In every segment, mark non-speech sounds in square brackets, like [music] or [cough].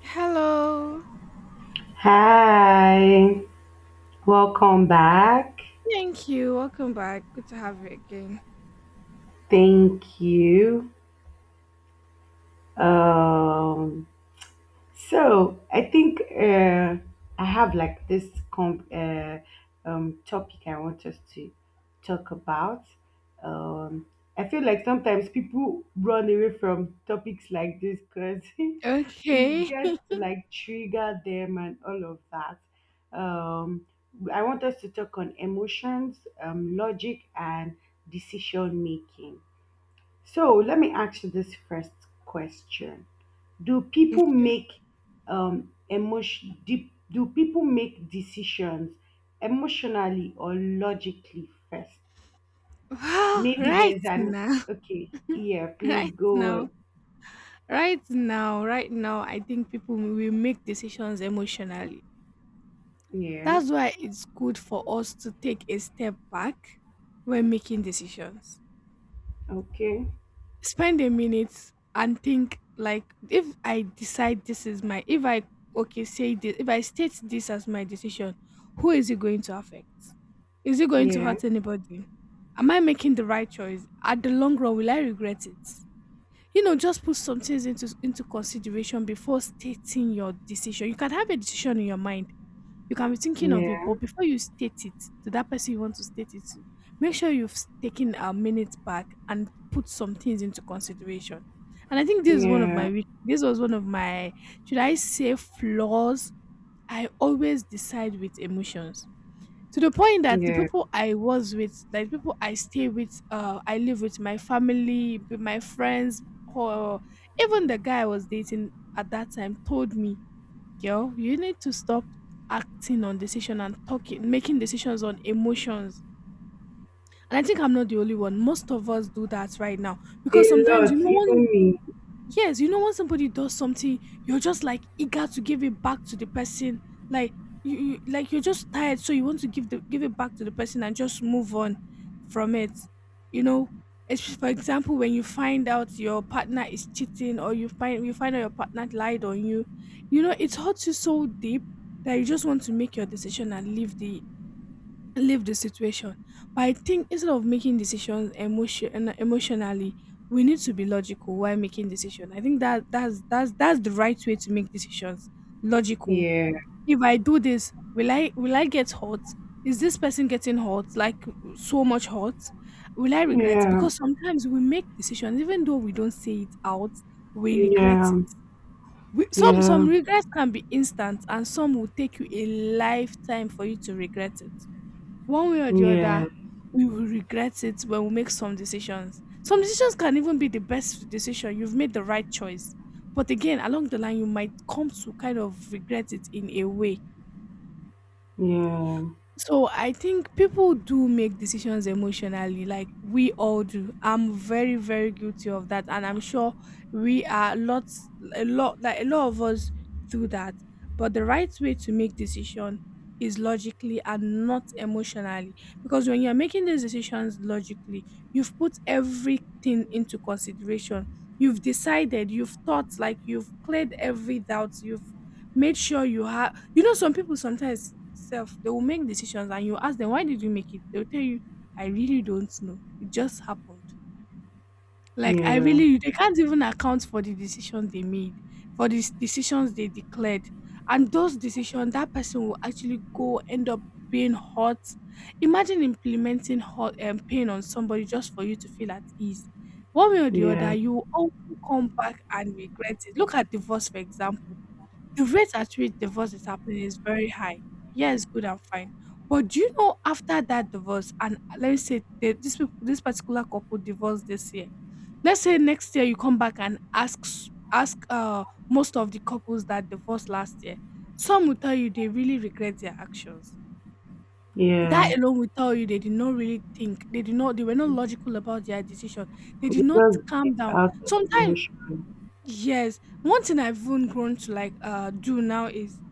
Hello. Hi, welcome back. Thank you. Welcome back. Good to have you again. Thank you. Um, so I think I have like this comp- uh, topic I want us to talk about. I feel like sometimes people run away from topics like this because [laughs] it Okay. gets [laughs] to like trigger them and all of that. Um, I want us to talk on emotions, logic, and decision making. So let me ask you this first question: Do people Okay. make emotion? Do people make decisions emotionally or logically first? Well, Maybe right there's an now, okay. Yeah, [laughs] please right go now, on. right now, I think people will make decisions emotionally. Yeah. That's why it's good for us to take a step back when making decisions. Okay. Spend a minute and think, like, if I decide this is my if I okay, say this, if I state this as my decision, who is it going to affect? Is it going to Yeah. hurt anybody? Am I making the right choice? At the long run, will I regret it? You know, just put some things into consideration before stating your decision. You can have a decision in your mind, you can be thinking of it, Yeah. but before you state it to that person you want to state it to, make sure you've taken a minute back and put some things into consideration. And I think this is one of Yeah. my weak- this was one of my, should I say, flaws. I always decide with emotions, to the point that the Yeah. people I was with, like people I stay with, I live with my family, with my friends, or even the guy I was dating at that time told me, "Girl, you need to stop acting on decision and talking, making decisions on emotions." And I think I'm not the only one. Most of us do that right now, A because sometimes you lot, know even when, me. yes, you know when somebody does something, you're just like eager to give it back to the person. Like you're just tired, so you want to give the give it back to the person and just move on from it. You know, for example, when you find out your partner is cheating, or you find out your partner lied on you, you know it hurts you so deep that you just want to make your decision and leave the situation. But I think instead of making decisions emotionally, we need to be logical while making decisions. I think that's the right way to make decisions. Logical. Yeah. If I do this, will I get hurt? Is this person getting hurt? Like so much hurt? Will I regret it? Yeah, Because sometimes we make decisions, even though we don't say it out, we regret yeah, it. Some yeah, some regrets can be instant, and some will take you a lifetime for you to regret it. One way or the yeah, other, we will regret it when we make some decisions. Some decisions can even be the best decision. You've made the right choice. But again, along the line, you might come to kind of regret it in a way. yeah, So I think people do make decisions emotionally, like we all do. I'm very, very guilty of that, and I'm sure we are lots, a lot, like a lot of us do that. But the right way to make decision is logically and not emotionally, because when you're making these decisions logically, you've put everything into consideration. You've decided, you've thought, like you've cleared every doubt, you've made sure you have. You know, some people sometimes self, they will make decisions, and you ask them, "Why did you make it?" They'll tell you, "I really don't know, it just happened." Like, I yeah, really they can't even account for the decisions they made, for these decisions they declared. And those decisions, that person will actually go end up being hurt. Imagine implementing hurt and pain on somebody just for you to feel at ease. One way or the yeah, other, you will also come back and regret it. Look at divorce, for example. The rate at which divorce is happening is very high. Yes, good and fine. But do you know, after that divorce, and let me say this particular couple divorced this year. Let's say next year you come back and ask most of the couples that divorced last year. Some will tell you they really regret their actions. That yeah. alone will tell you they did not really think. They did not. They were not logical about their decision. They did not Because calm it's down. out of Sometimes, emotion. yes, one thing I've even grown to like do now is,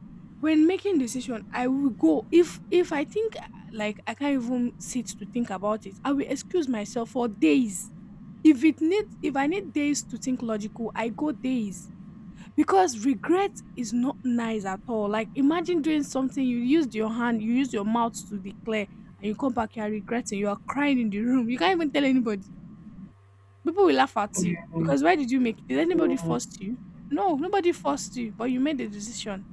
when making decision, I will go, if I think like I can't even sit to think about it, I will excuse myself for days. If it needs, if I need days to think logical, I go days, because regret is not nice at all. Like, imagine doing something, you used your hand, you used your mouth to declare, and you come back, you are regretting, you are crying in the room. You can't even tell anybody. People will laugh at you, Yeah, because why did you make? Did anybody yeah, force you? No, nobody forced you, but you made the decision.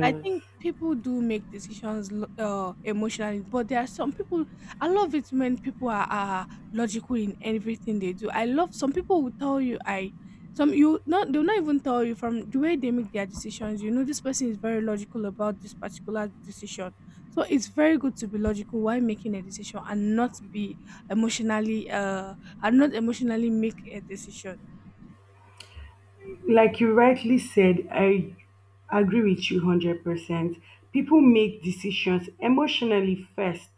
I think people do make decisions emotionally, but there are some people. I love it when people are logical in everything they do. I love, some people will tell you, I some you not they'll not even tell you, from the way they make their decisions, you know this person is very logical about this particular decision. So it's very good to be logical while making a decision, and not be emotionally and not emotionally make a decision. Like you rightly said, I agree with you 100%. People make decisions emotionally first.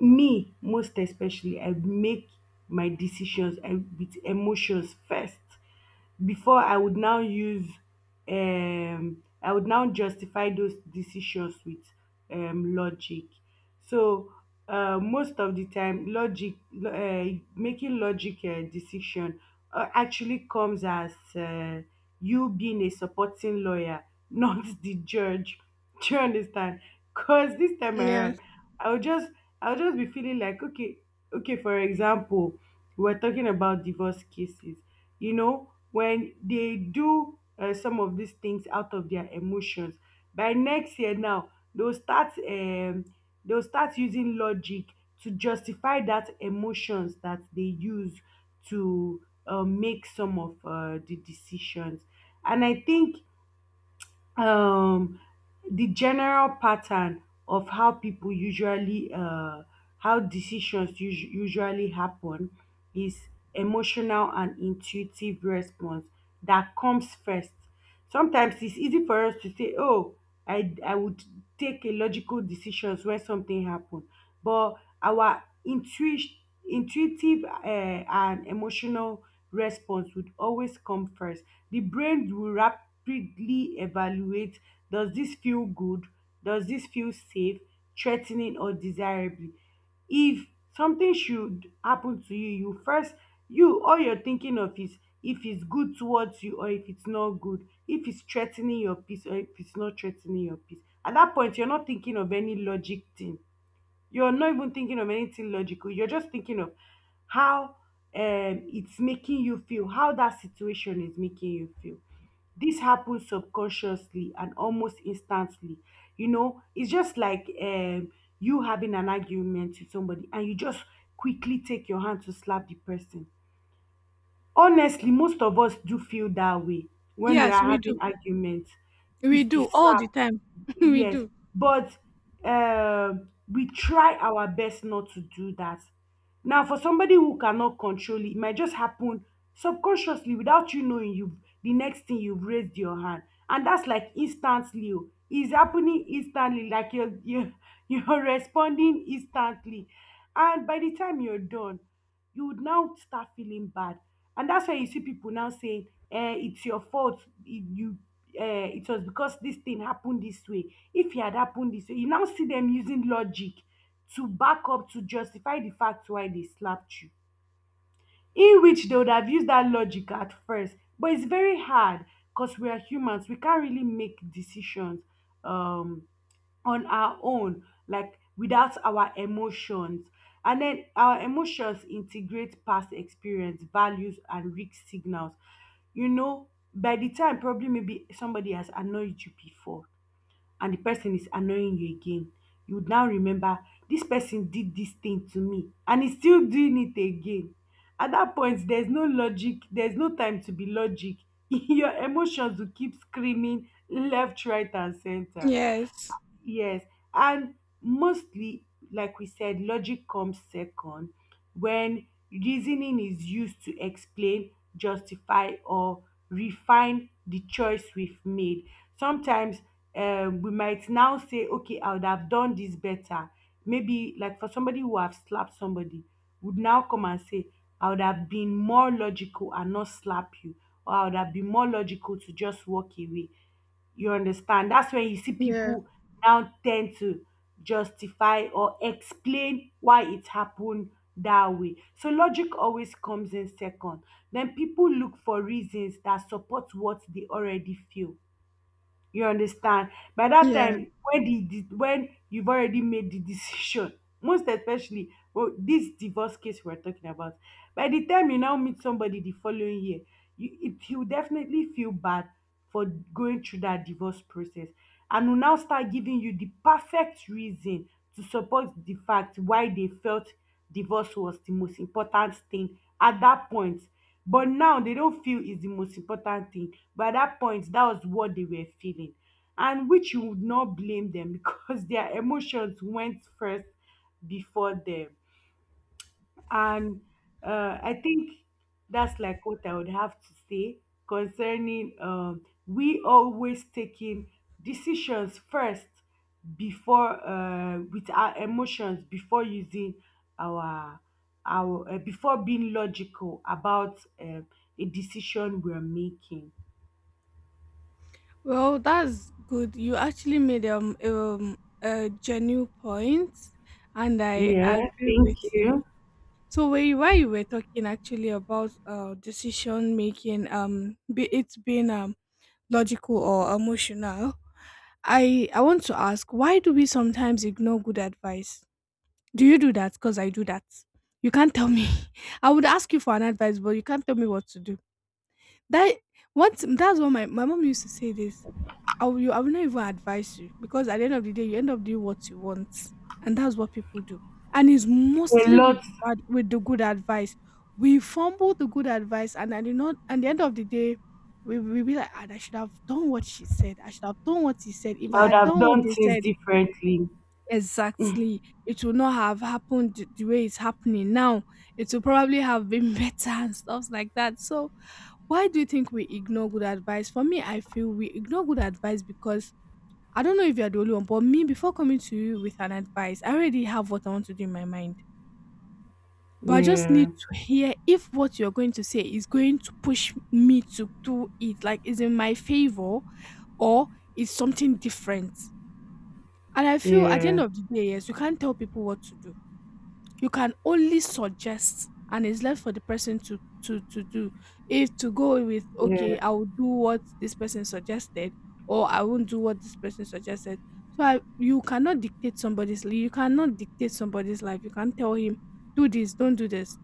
Me, most especially, I make my decisions, with emotions first before I would now use I would now justify those decisions with logic. So most of the time, logic, making logic decision actually comes as you being a supporting lawyer, [laughs] not the judge. Do you understand? Because this time around, Yes, I will just I will just be feeling like, okay, okay, for example, we're talking about divorce cases. You know, when they do some of these things out of their emotions, by next year now, they'll start um they'll start using logic to justify that emotions that they use to make some of the decisions. And I think um the general pattern of how people usually how decisions usually happen is emotional and intuitive response that comes first. Sometimes it's easy for us to say, oh, I would take a logical decisions when something happen. But our intuition intuitive and emotional response would always come first. The brain will rapidly evaluate: does this feel good? Does this feel safe, threatening, or desirable? If something should happen to you, you first, all you're thinking of is if it's good towards you or if it's not good, if it's threatening your peace or if it's not threatening your peace. At that point, you're not thinking of any logic thing, you're not even thinking of anything logical. You're just thinking of how it's making you feel, how that situation is making you feel. This happens subconsciously and almost instantly. You know, it's just like, you having an argument with somebody and you just quickly take your hand to slap the person. Honestly, most of us do feel that way when we yes, are we having do, arguments, we is to do all slap. the time, [laughs] we Yes, do. but we try our best not to do that. Now, for somebody who cannot control it, it might just happen subconsciously without you knowing. You, the next thing, you've raised your hand, and that's like instantly. Oh. It's happening instantly, like [laughs] you're responding instantly, and by the time you're done, you would now start feeling bad. And that's why you see people now saying, eh, it's your fault. You It was because this thing happened this way. If it had happened this way, you now see them using logic to back up, to justify the fact why they slapped you. In which they would have used that logic at first, but it's very hard because we are humans. We can't really make decisions um on our own, like without our emotions. And then our emotions integrate past experience, values, and risk signals. You know, by the time probably maybe somebody has annoyed you before and the person is annoying you again, you would now remember: this person did this thing to me and he's still doing it again. At that point, there's no logic, there's no time to be logic. [laughs] Your emotions will keep screaming left, right, and center. Yes. Yes, and mostly, like we said, logic comes second when reasoning is used to explain, justify, or refine the choice we've made. Sometimes we might now say, okay, I would have done this better. Maybe, like for somebody who have slapped somebody, would now come and say, I would have been more logical and not slap you, or I would have been more logical to just walk away. You understand? That's when you see Yeah, people now tend to justify or explain why it happened that way. So logic always comes in second. Then people look for reasons that support what they already feel. You understand? By that yeah. time, when the when you've already made the decision, [laughs] most especially, well, this divorce case we're talking about, by the time you now meet somebody the following year, you definitely feel bad for going through that divorce process, and will now start giving you the perfect reason to support the fact why they felt divorce was the most important thing at that point. But now they don't feel is the most important thing. But at that point, that was what they were feeling. And which you would not blame them, [laughs] because their emotions went first before them. And I think that's like what I would have to say concerning, we always taking decisions first before, with our emotions, before using our, before being logical about a decision we're making. Well, that's good. You actually made a genuine point, and I Yeah, agree thank with you. you. So where you, while you were talking actually about decision making, be it being logical or emotional, I want to ask, why do we sometimes ignore good advice? Do you do that? Because I do that. You can't tell me. [laughs] I would ask you for an advice, but you can't tell me what to do. That, once, that's what my mom used to say this. I will not even advise you, because at the end of the day, you end up doing what you want, and that's what people do. And it's A mostly lot. with the good advice. We fumble the good advice, and at the not at the end of the day, we be like, "Ah, I should have done what she said. I should have done what he said. If I I would had have done what done they things said differently. exactly, it would not have happened the way it's happening now. It would probably have been [laughs] better and stuff like that." So, why do you think we ignore good advice? For me, I feel we ignore good advice because, I don't know if you're the only one, but me, before coming to you with an advice, I already have what I want to do in my mind. But I just need Yeah, to hear if what you're going to say is going to push me to do it, like is in my favor, or is something different. And I feel at the end yeah, of the day, yes, you can't tell people what to do, you can only suggest, and it's left for the person to to do, if to go with, yeah, okay, I will do what this person suggested, or I won't do what this person suggested. So I, you cannot you cannot dictate somebody's life. You can't tell him, do this, don't do this,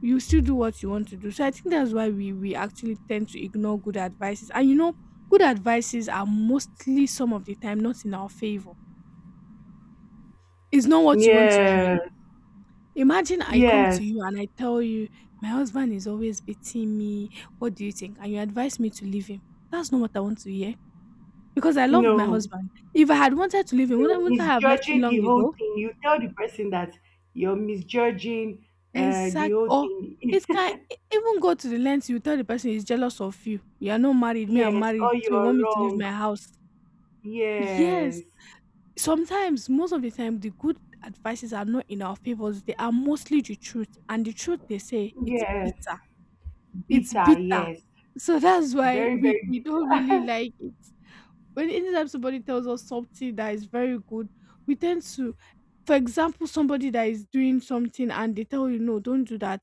you still do what you want to do. So I think that's why we actually tend to ignore good advices. And you know, good advices are mostly, some of the time, not in our favor. It's not what you want to hear. yeah, Imagine I come to yes. you and I tell you, my husband is always beating me. What do you think? And you advise me to leave him. That's not what I want to hear, because I loved my No, husband. If I had wanted to leave him, you're wouldn't I have left him misjudging the long whole ago? thing. You tell the person that you're misjudging the Exact. whole Or thing. it [laughs] can even go to the length you tell the person, he's jealous of you. You are not If married. Me, I'm yes, married. or So you you're want me to leave wrong. my house? Yes. Yes, Sometimes, most of the time, the good advices are not in our favors. They are mostly the truth. And the truth, they say, it's yes, bitter. It's bitter. bitter. Yes, So that's why very, very we don't bitter. really like it. When anytime somebody tells us something that is very good, we tend to, for example, somebody that is doing something and they tell you, no, don't do that.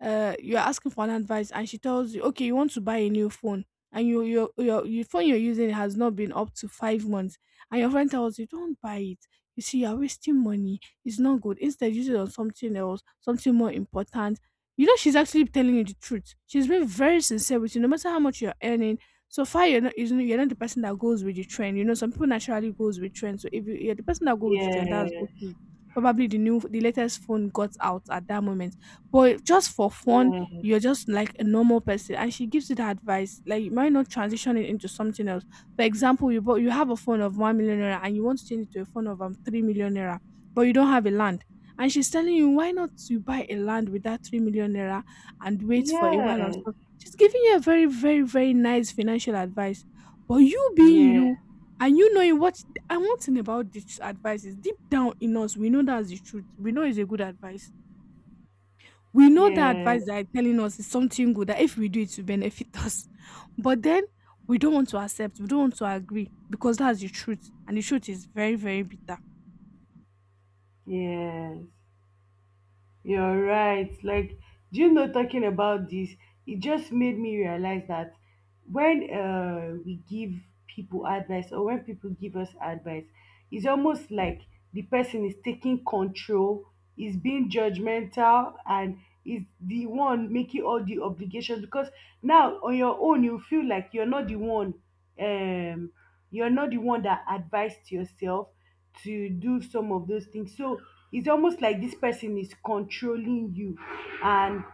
You're asking for an advice, and she tells you, okay, you want to buy a new phone, and your phone you're using has not been up to 5 months, and your friend tells you, don't buy it. You see, you're wasting money. It's not good. Instead, use it on something else, something more important. You know, she's actually telling you the truth. She's been very sincere with you, no matter how much you're earning. So far, you're not the person that goes with the trend. You know, some people naturally goes with trend. So if you're the person that goes with the trend, Yeah, that's okay. Probably the latest phone got out at that moment, but just for fun yeah, you're just like a normal person, and she gives you the advice. Like, you might not transition it into something else. For example, you have a phone of 1 million naira and you want to change it to a phone of 3 million naira, but you don't have a land, and she's telling you, why not you buy a land with that 3 million naira and wait for a while and yeah, stuff. She's giving you a very nice financial advice, but you being yeah, you and you knowing what. And one thing about this advice is, deep down in us, we know that's the truth. We know it's a good advice. We know that yeah, advice that are telling us is something good that if we do it to benefit [laughs] us. But then we don't want to accept, we don't want to agree, because that's the truth. And the truth is very, very bitter. yes. You're right. Like, do you know, talking about this, it just made me realize that when we give people advice or when people give us advice, it's almost like the person is taking control, is being judgmental, and is the one making all the obligations, because now on your own, you feel like you're not the one um you're not the one that advised yourself to do some of those things. So it's almost like this person is controlling you, and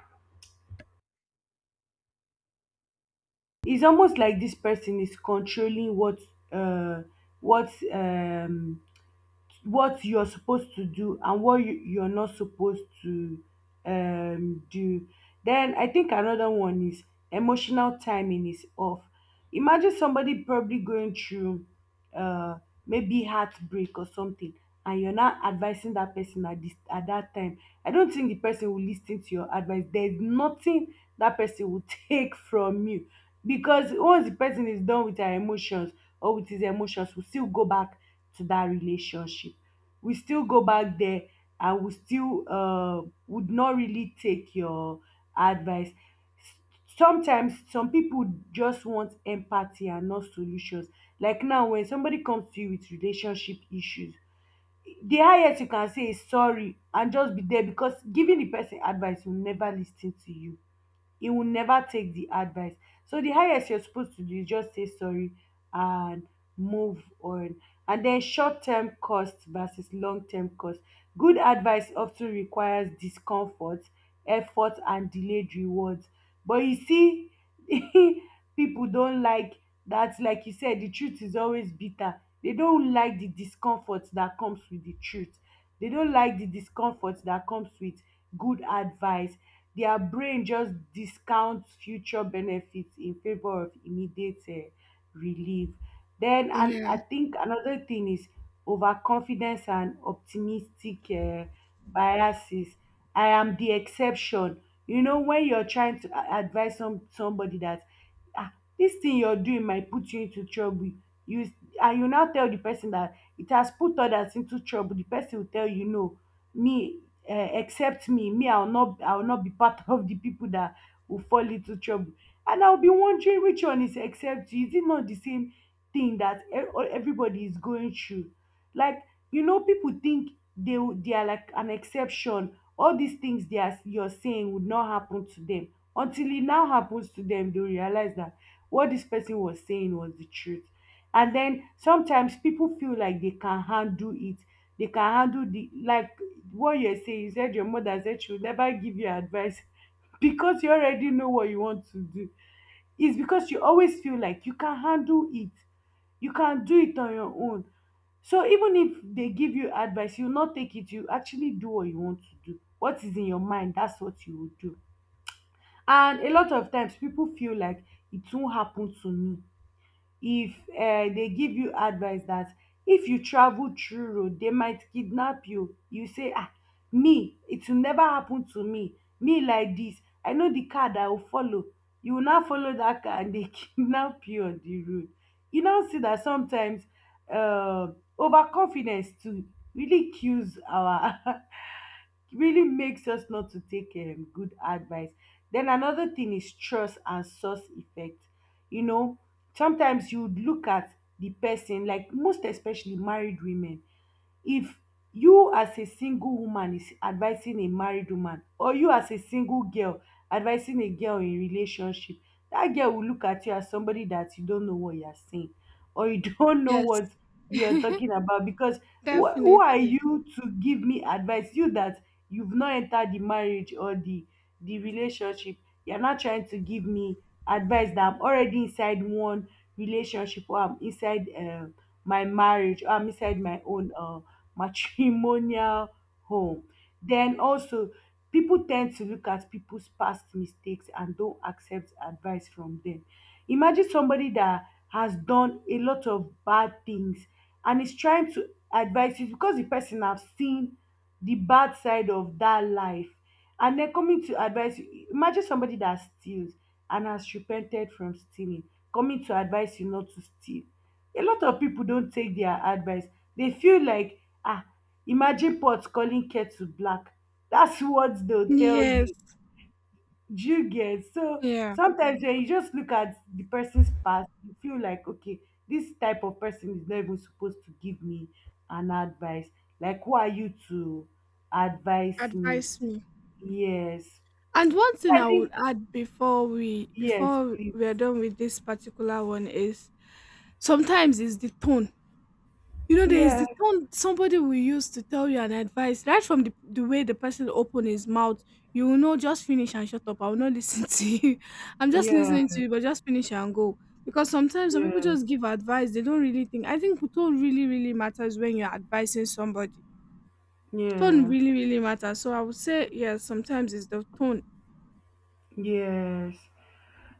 it's almost like this person is controlling uh what um what you're supposed to do and what you're not supposed to do. Then I think another one is emotional timing is off. Imagine somebody probably going through uh, maybe heartbreak or something, and you're not advising that person at that time. I don't think the person will listen to your advice. There's nothing that person will [laughs] take from you, because once the person is done with their emotions or with his emotions, will still go back to that relationship, we still go back there. I would still would not really take your advice. Sometimes some people just want empathy and not solutions. Like now, when somebody comes to you with relationship issues, the highest you can say is sorry and just be there, because giving the person advice, will never lis ten to you. He will never take the advice. So the highest you're supposed to do is just say sorry and move on. And then short term cost versus long term cost. Good advice often requires discomfort, effort, and delayed rewards. But you see, [laughs] people don't like that. Like you said, the truth is always bitter. They don't like the discomfort that comes with the truth. They don't like the discomfort that comes with good advice. Their brain just discounts future benefits in favor of immediate relief. Then, and Yeah. I think another thing is overconfidence and optimistic biases. I am the exception. You know, when you're trying to advise somebody that, ah, this thing you're doing might put you into trouble, you s- and you now tell the person that it has put others into trouble. The person will tell you, no, me, except me, me, I will not be part of the people that will fall into trouble. And I'll be wondering which one is except you. Is it not the same thing that everybody is going through? Like, you know, people think they are like an exception. All these things they are you're saying would not happen to them until it now happens to them. They realize that what this person was saying was the truth. And then sometimes people feel like they can handle it. They can handle the, like, what you say. You said your mother said she will never give you advice [laughs] because you already know what you want to do. It's because you always feel like you can handle it. You can do it on your own. So even if they give you advice, you not take it. You actually do what you want to do. What is in your mind, that's what you will do. And a lot of times people feel like it won't happen to me if dey give you advice that if you travel through road dey might kidnap you. You say, me, it will never happen to me, me like dis. I know the car that I will follow. You will now follow that car, and dey [laughs] kidnap you on the road. You now see that sometimes overconfidence too really kills our [laughs] really makes us not to take good advice. Then another thing is trust and source effect. You know, sometimes you would look at the person, like most especially married women, if you as a single woman is advising a married woman, or you as a single girl advising a girl in relationship, that girl will look at you as somebody that you don't know what you're saying, or you [laughs] don't know Yes. what you're [laughs] talking about. Because who are Definitely. you to give me advice? You that you've not entered the marriage or the relationship. You're not trying to give me advice that I'm already inside one relationship, or I'm inside my marriage, or I'm inside my own matrimonial home. Then also, people tend to look at people's past mistakes and don't accept advice from them. Imagine somebody that has done a lot of bad things and is trying to advise you because the person has seen the bad side of that life and den coming to advise you. Imagine somebody that steals and has repented from stealing coming to advise you not to steal. A lot of people don't take their advice. They feel like, ah, imagine, pot calling kettle black. That's what they'll tell Yes. you. Do you get? So Yeah. sometimes when you just look at the person's past, you feel like, okay, this type of person is not even supposed to give me an advice. Like, who are you to advise me? Advise me. Yes, And one thing I I would think. add before we Yes, before please. we are done with this particular one is sometimes is the tone. You know, there is Yeah. the tone somebody will use to tell you an advice. Right from the way the person open his mouth, you will know, just finish and shut up. I will not [laughs] listen to you. I'm just Yeah. listening to you, but just finish and go. Because sometimes some people Yeah. just give advice, they don't really think. I think tone really, really matters when you're advising somebody. Tone Yeah. really, really matters. So I would say, yes, sometimes it's the tone. Yes.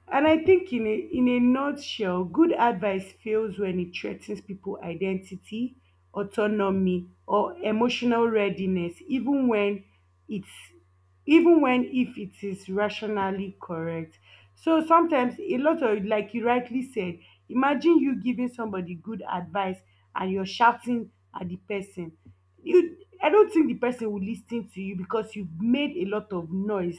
And I think in a nutshell, good advice fails when it threatens people identity, autonomy, or emotional readiness, it's even when if it is rationally correct. So sometimes a lot of, like you rightly said, imagine you giving somebody good advice and you're shouting at the person. You, I don't think the person will listen to you, because you've made a lot of noise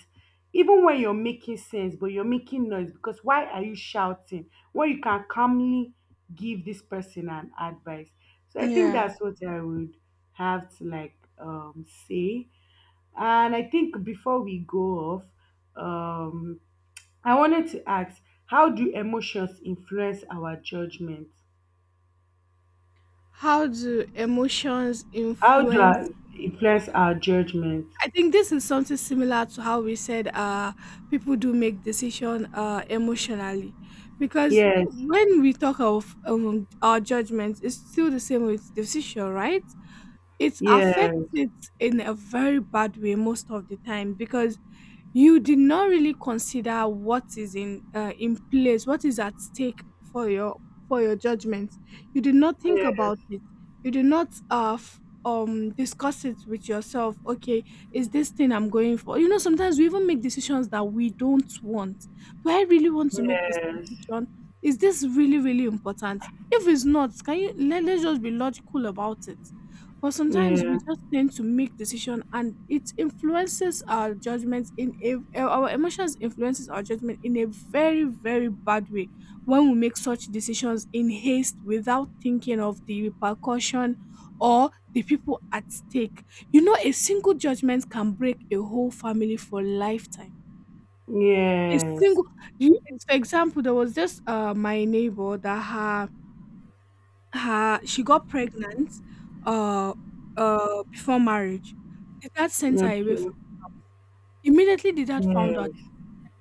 even when you're making sense, but you're making noise. Because why are you shouting when you can calmly give this person an advice? So I think Yeah. that's what I would have to like say. And I think before we go off, um I wanted to ask, how do emotions influence our judgment? How do emotions How do I influence? influence our judgment? I think this is something similar to how we said people do make decision emotionally, because Yes. when we talk of our judgments, it's still the same with decision, right? It affects Yes. it in a very bad way most of the time, because you did not really consider what is in place, what is at stake for your judgment. You did not think Yes. about it. You did not discuss it with yourself. Okay, is this thing I'm going for? You know, sometimes we even make decisions that we don't want. Do I really want to make this Yes. decision? Is this really, really important? If it's not, can you let's just be logical about it. But sometimes Yeah. we just tend to make decision, and it influences our judgments in a our emotions influences our judgment in a very, very bad way when we make such decisions in haste without thinking of the repercussion or the people at stake. You know, a single judgment can break a whole family for lifetime. A Yes. single, you- for example, there was this my neighbor that her she got pregnant uh before marriage. The dad sent her away. From, Okay. immediately, the dad found out. Yes.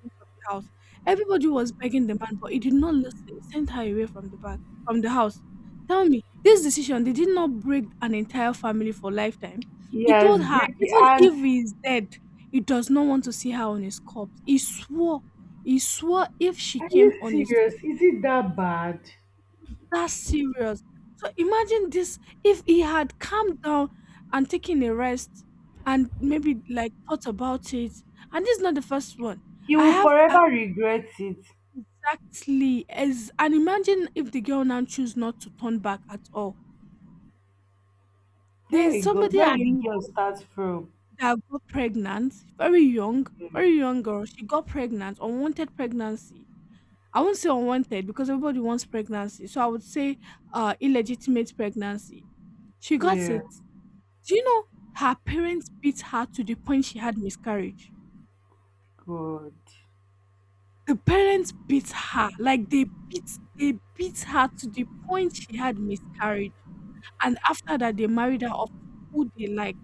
Away from the house. Everybody was begging the man, but he did not listen. He sent her away from the back from the house. Tell me, this decision they did not break an entire family for lifetime? He Yes, told her, Bricky. even And if he is dead, he does not want to see her on his corpse. He swore if she are came you on his, serious? Is it that bad? that's serious. So imagine this, if he had calmed down and taken a rest and maybe like thought about it. And this is not the first one. He I will have. forever regret it. Exactly. As and imagine if the girl now choose not to turn back at all. Very There's good. somebody Where I would the know girl start from? that got pregnant, Yeah. very young girl. She got pregnant, unwanted pregnancy. I won't say unwanted because everybody wants pregnancy. So I would say illegitimate pregnancy. She got Yeah. it. Do you know her parents beat her to the point she had miscarriage? Good. The parents beat her, like they beat her to the point she had miscarriage. And after that, they married her off to who they liked,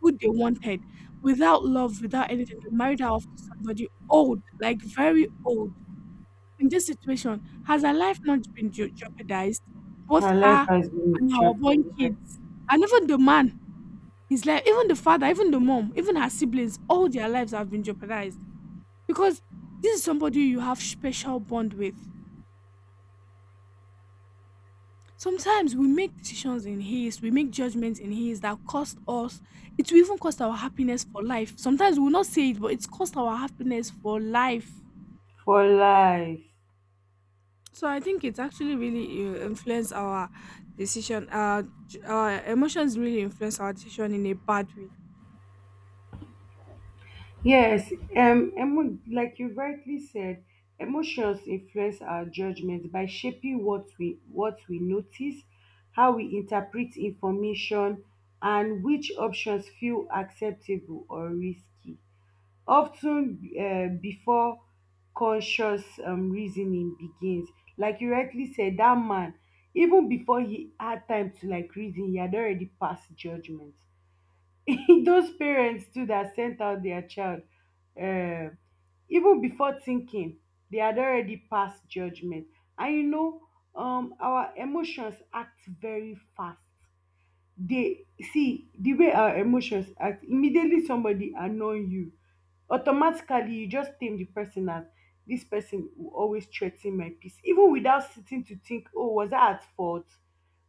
who they wanted, without love, without anything. They married her off to somebody old, like very old. In this situation, has her life not been jeopardized? Both Her life her has been and her unborn jeopardized kids, and even the man, his life, even the father, even the mom, even her siblings, all their lives have been jeopardized because this is somebody you have special bond with. Sometimes we make decisions in haste, we make judgments in haste that cost us, it will even cost our happiness for life. Sometimes we will not say it, but it's cost our happiness for life. for life. So I think it's actually really influence our decision. Our emotions really influence our decision in a bad way. Yes, like you rightly said, emotions influence our judgment by shaping what we notice, how we interpret information, and which options feel acceptable or risky. Often before conscious reasoning begins. Like you rightly said, that man, even before he had time to like reason, he had already passed judgment. [laughs] Those parents too that sent out their child, um even before thinking, they had already passed judgment. And you know, our emotions act very fast. They see the way our emotions act. Immediately somebody annoy you, automatically you just tame the person as, this person will always threa ten my peace, even without sitting to think, oh, was I at fault?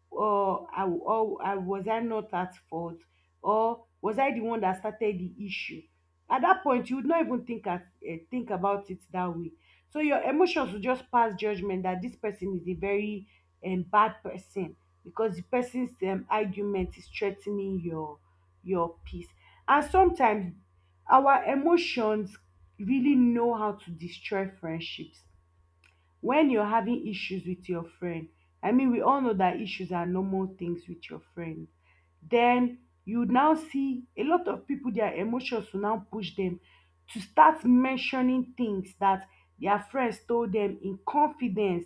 Or I, or I was I not at fault? Or was I the one that started the issue? At that point, you would not even think at, think about it that way. So your emotions will just pass judgment that this person is a very bad person, because the person's argument is threatening your peace. And sometimes our emotions really know how to destroy friendships. When you're having issues with your friend, I mean, we all know that issues are normal things with your friend. Then you now see a lot of people, their emotions will now push them to start mentioning things that their friends told them in confidence,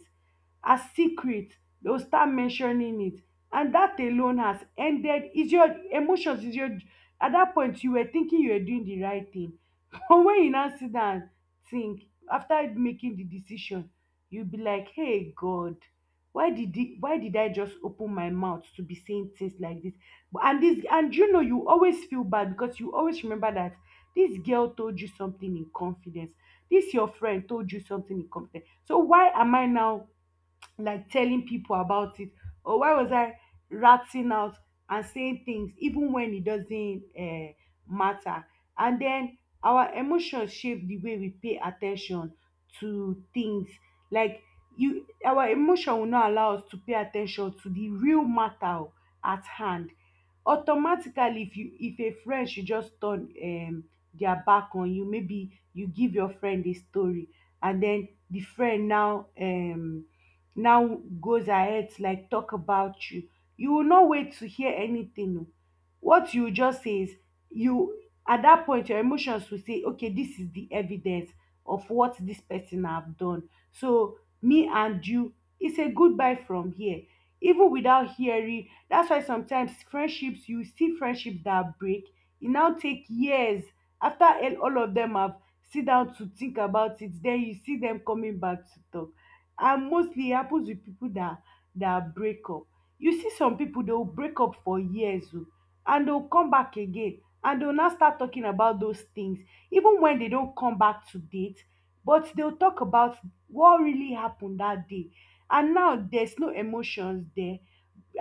as secret. They will start mentioning it. And that alone has ended. Is your emotions, is your, at that point you were thinking you were doing the right thing. [laughs] But when you now sit down and think, after making the decision, you be like, hey god, why did I just open my mouth to be saying things like this? But and this, and you know, you always feel bad because you always remember that this girl told you something in confidence, this your friend told you something in confidence. So why am I now like telling people about it? Or why was I ratting out and saying things even when it doesn't matter? And then our emotions shape the way we pay attention to things. Like, you our emotion will not allow us to pay attention to the real matter at hand. Automatically, if you if a friend should just turn their back on you, maybe you give your friend a story, and then the friend now now goes ahead to like talk about you, you will not wait to hear anything. Oh, what you just say is, you, at that point your emotions will say, okay, this is the evidence of what this person have done. So me and you, it's a goodbye from here. Even without hearing, that's why sometimes friendships, you see friendships that break. It now take years, after all of them have sit down to think about it. Then you see them coming back to talk. And mostly it happens with people that break up. You see some people, they will break up for years, oh, and they'll come back again, and they'll now start talking about those things even when they don't come back to date. But they'll talk about what really happened that day, and now there's no emotions there,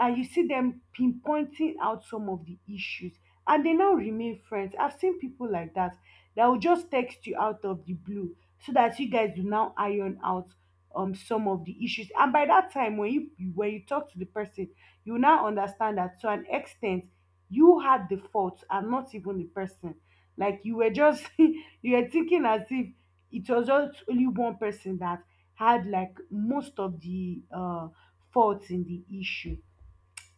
and you see them pinpointing out some of the issues, and they now remain friends. I've seen people like that that will just text you out of the blue, so that you guys do now iron out some of the issues. And by that time when you talk to the person, you now understand that to an extent you had the fault and not even the person. Like, you were just [laughs] you were thinking as if it was just only one person that had like most of the faults in the issue.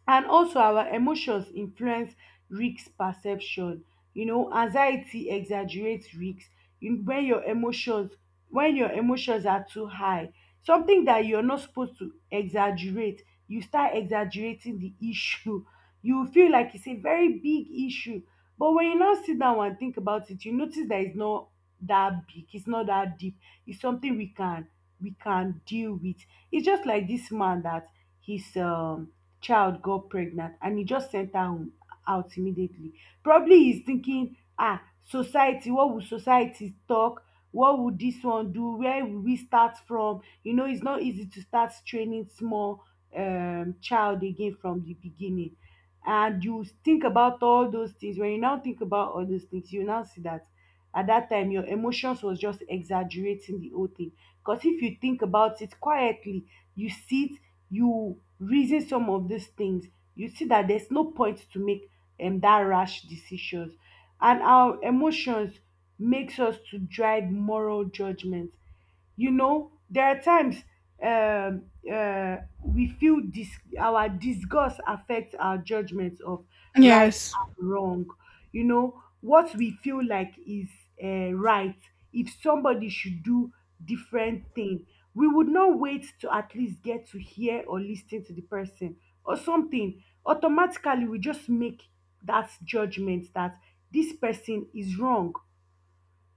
And also our emotions influence risk perception. You know, anxiety exaggerates risk. When your emotions, when your emotions are too high, something that you're not supposed to exaggerate, you start exaggerating the issue. [laughs] You feel like it's a very big issue, but when you now sit down and think about it, you notice that it's not that big, it's not that deep, it's something we can deal with. It's just like this man that, he's child got pregnant, and he just sent her home out immediately. Probably he's thinking, ah, society, what would society talk? What would this one do? Where will we start from? You know, it's not easy to start training small child again from the beginning. And you think about all those things. When you now think about all those things, you now see that at that time your emotions was just exaggerating the whole thing. Because if you think about it quietly, you sit, you reason some of these things, you see that there's no point to make that rash decisions. And our emotions makes us to drive moral judgment. You know, there are times we feel our disgust affects our judgment of right Yes. and wrong. You know, what we feel like is right, if somebody should do different thing, we would not wait to at least get to hear or listen to the person or something. Automatically, we just make that judgment that this person is wrong.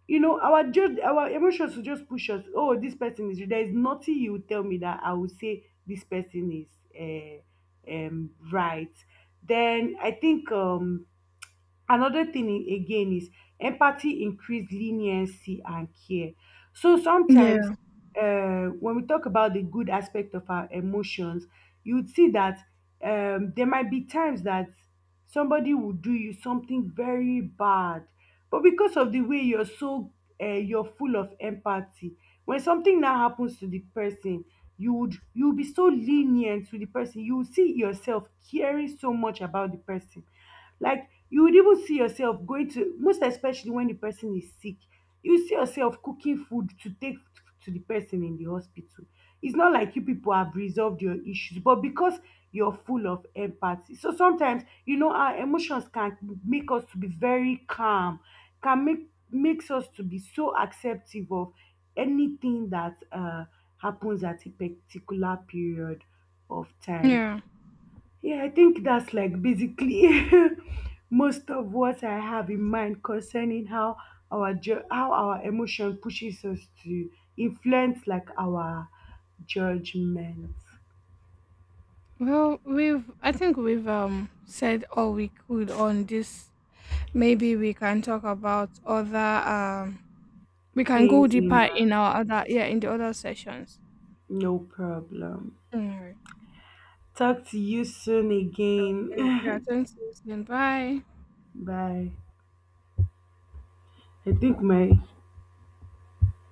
You know, our just our emotions will just push us, oh, this person is, there is nothing you will tell me that I will say this person is right. Then I think another thing again is, empathy increase leniency and care. So sometimes Yeah. When we talk about the good aspect of our emotions, you would see that there might be times that somebody will do you something very bad, but because of the way you're so you're full of empathy, when something now happens to the person, you will be so lenient to the person. You will see yourself caring so much about the person. Like, you would even see yourself going to, most especially when the person is sick, you see yourself cooking food to take to the person in the hospital. It's not like you people have resolved your issues, but because you're full of empathy. So sometimes, you know, our emotions can make us to be very calm, can makes us to be so acceptive of anything that happens at a particular period of time. Yeah. Yeah, I think that's like basically [laughs] most of what I have in mind concerning how how our emotion pushes us to influence like our judgment Well, we've I think we've said all we could on this. Maybe we can talk about other we can go things in deeper a, in our other, yeah, in the other sessions. no problem. All right. Talk to you soon Great. Yeah, again. [laughs] thanks. Susan. Bye. Bye. I think my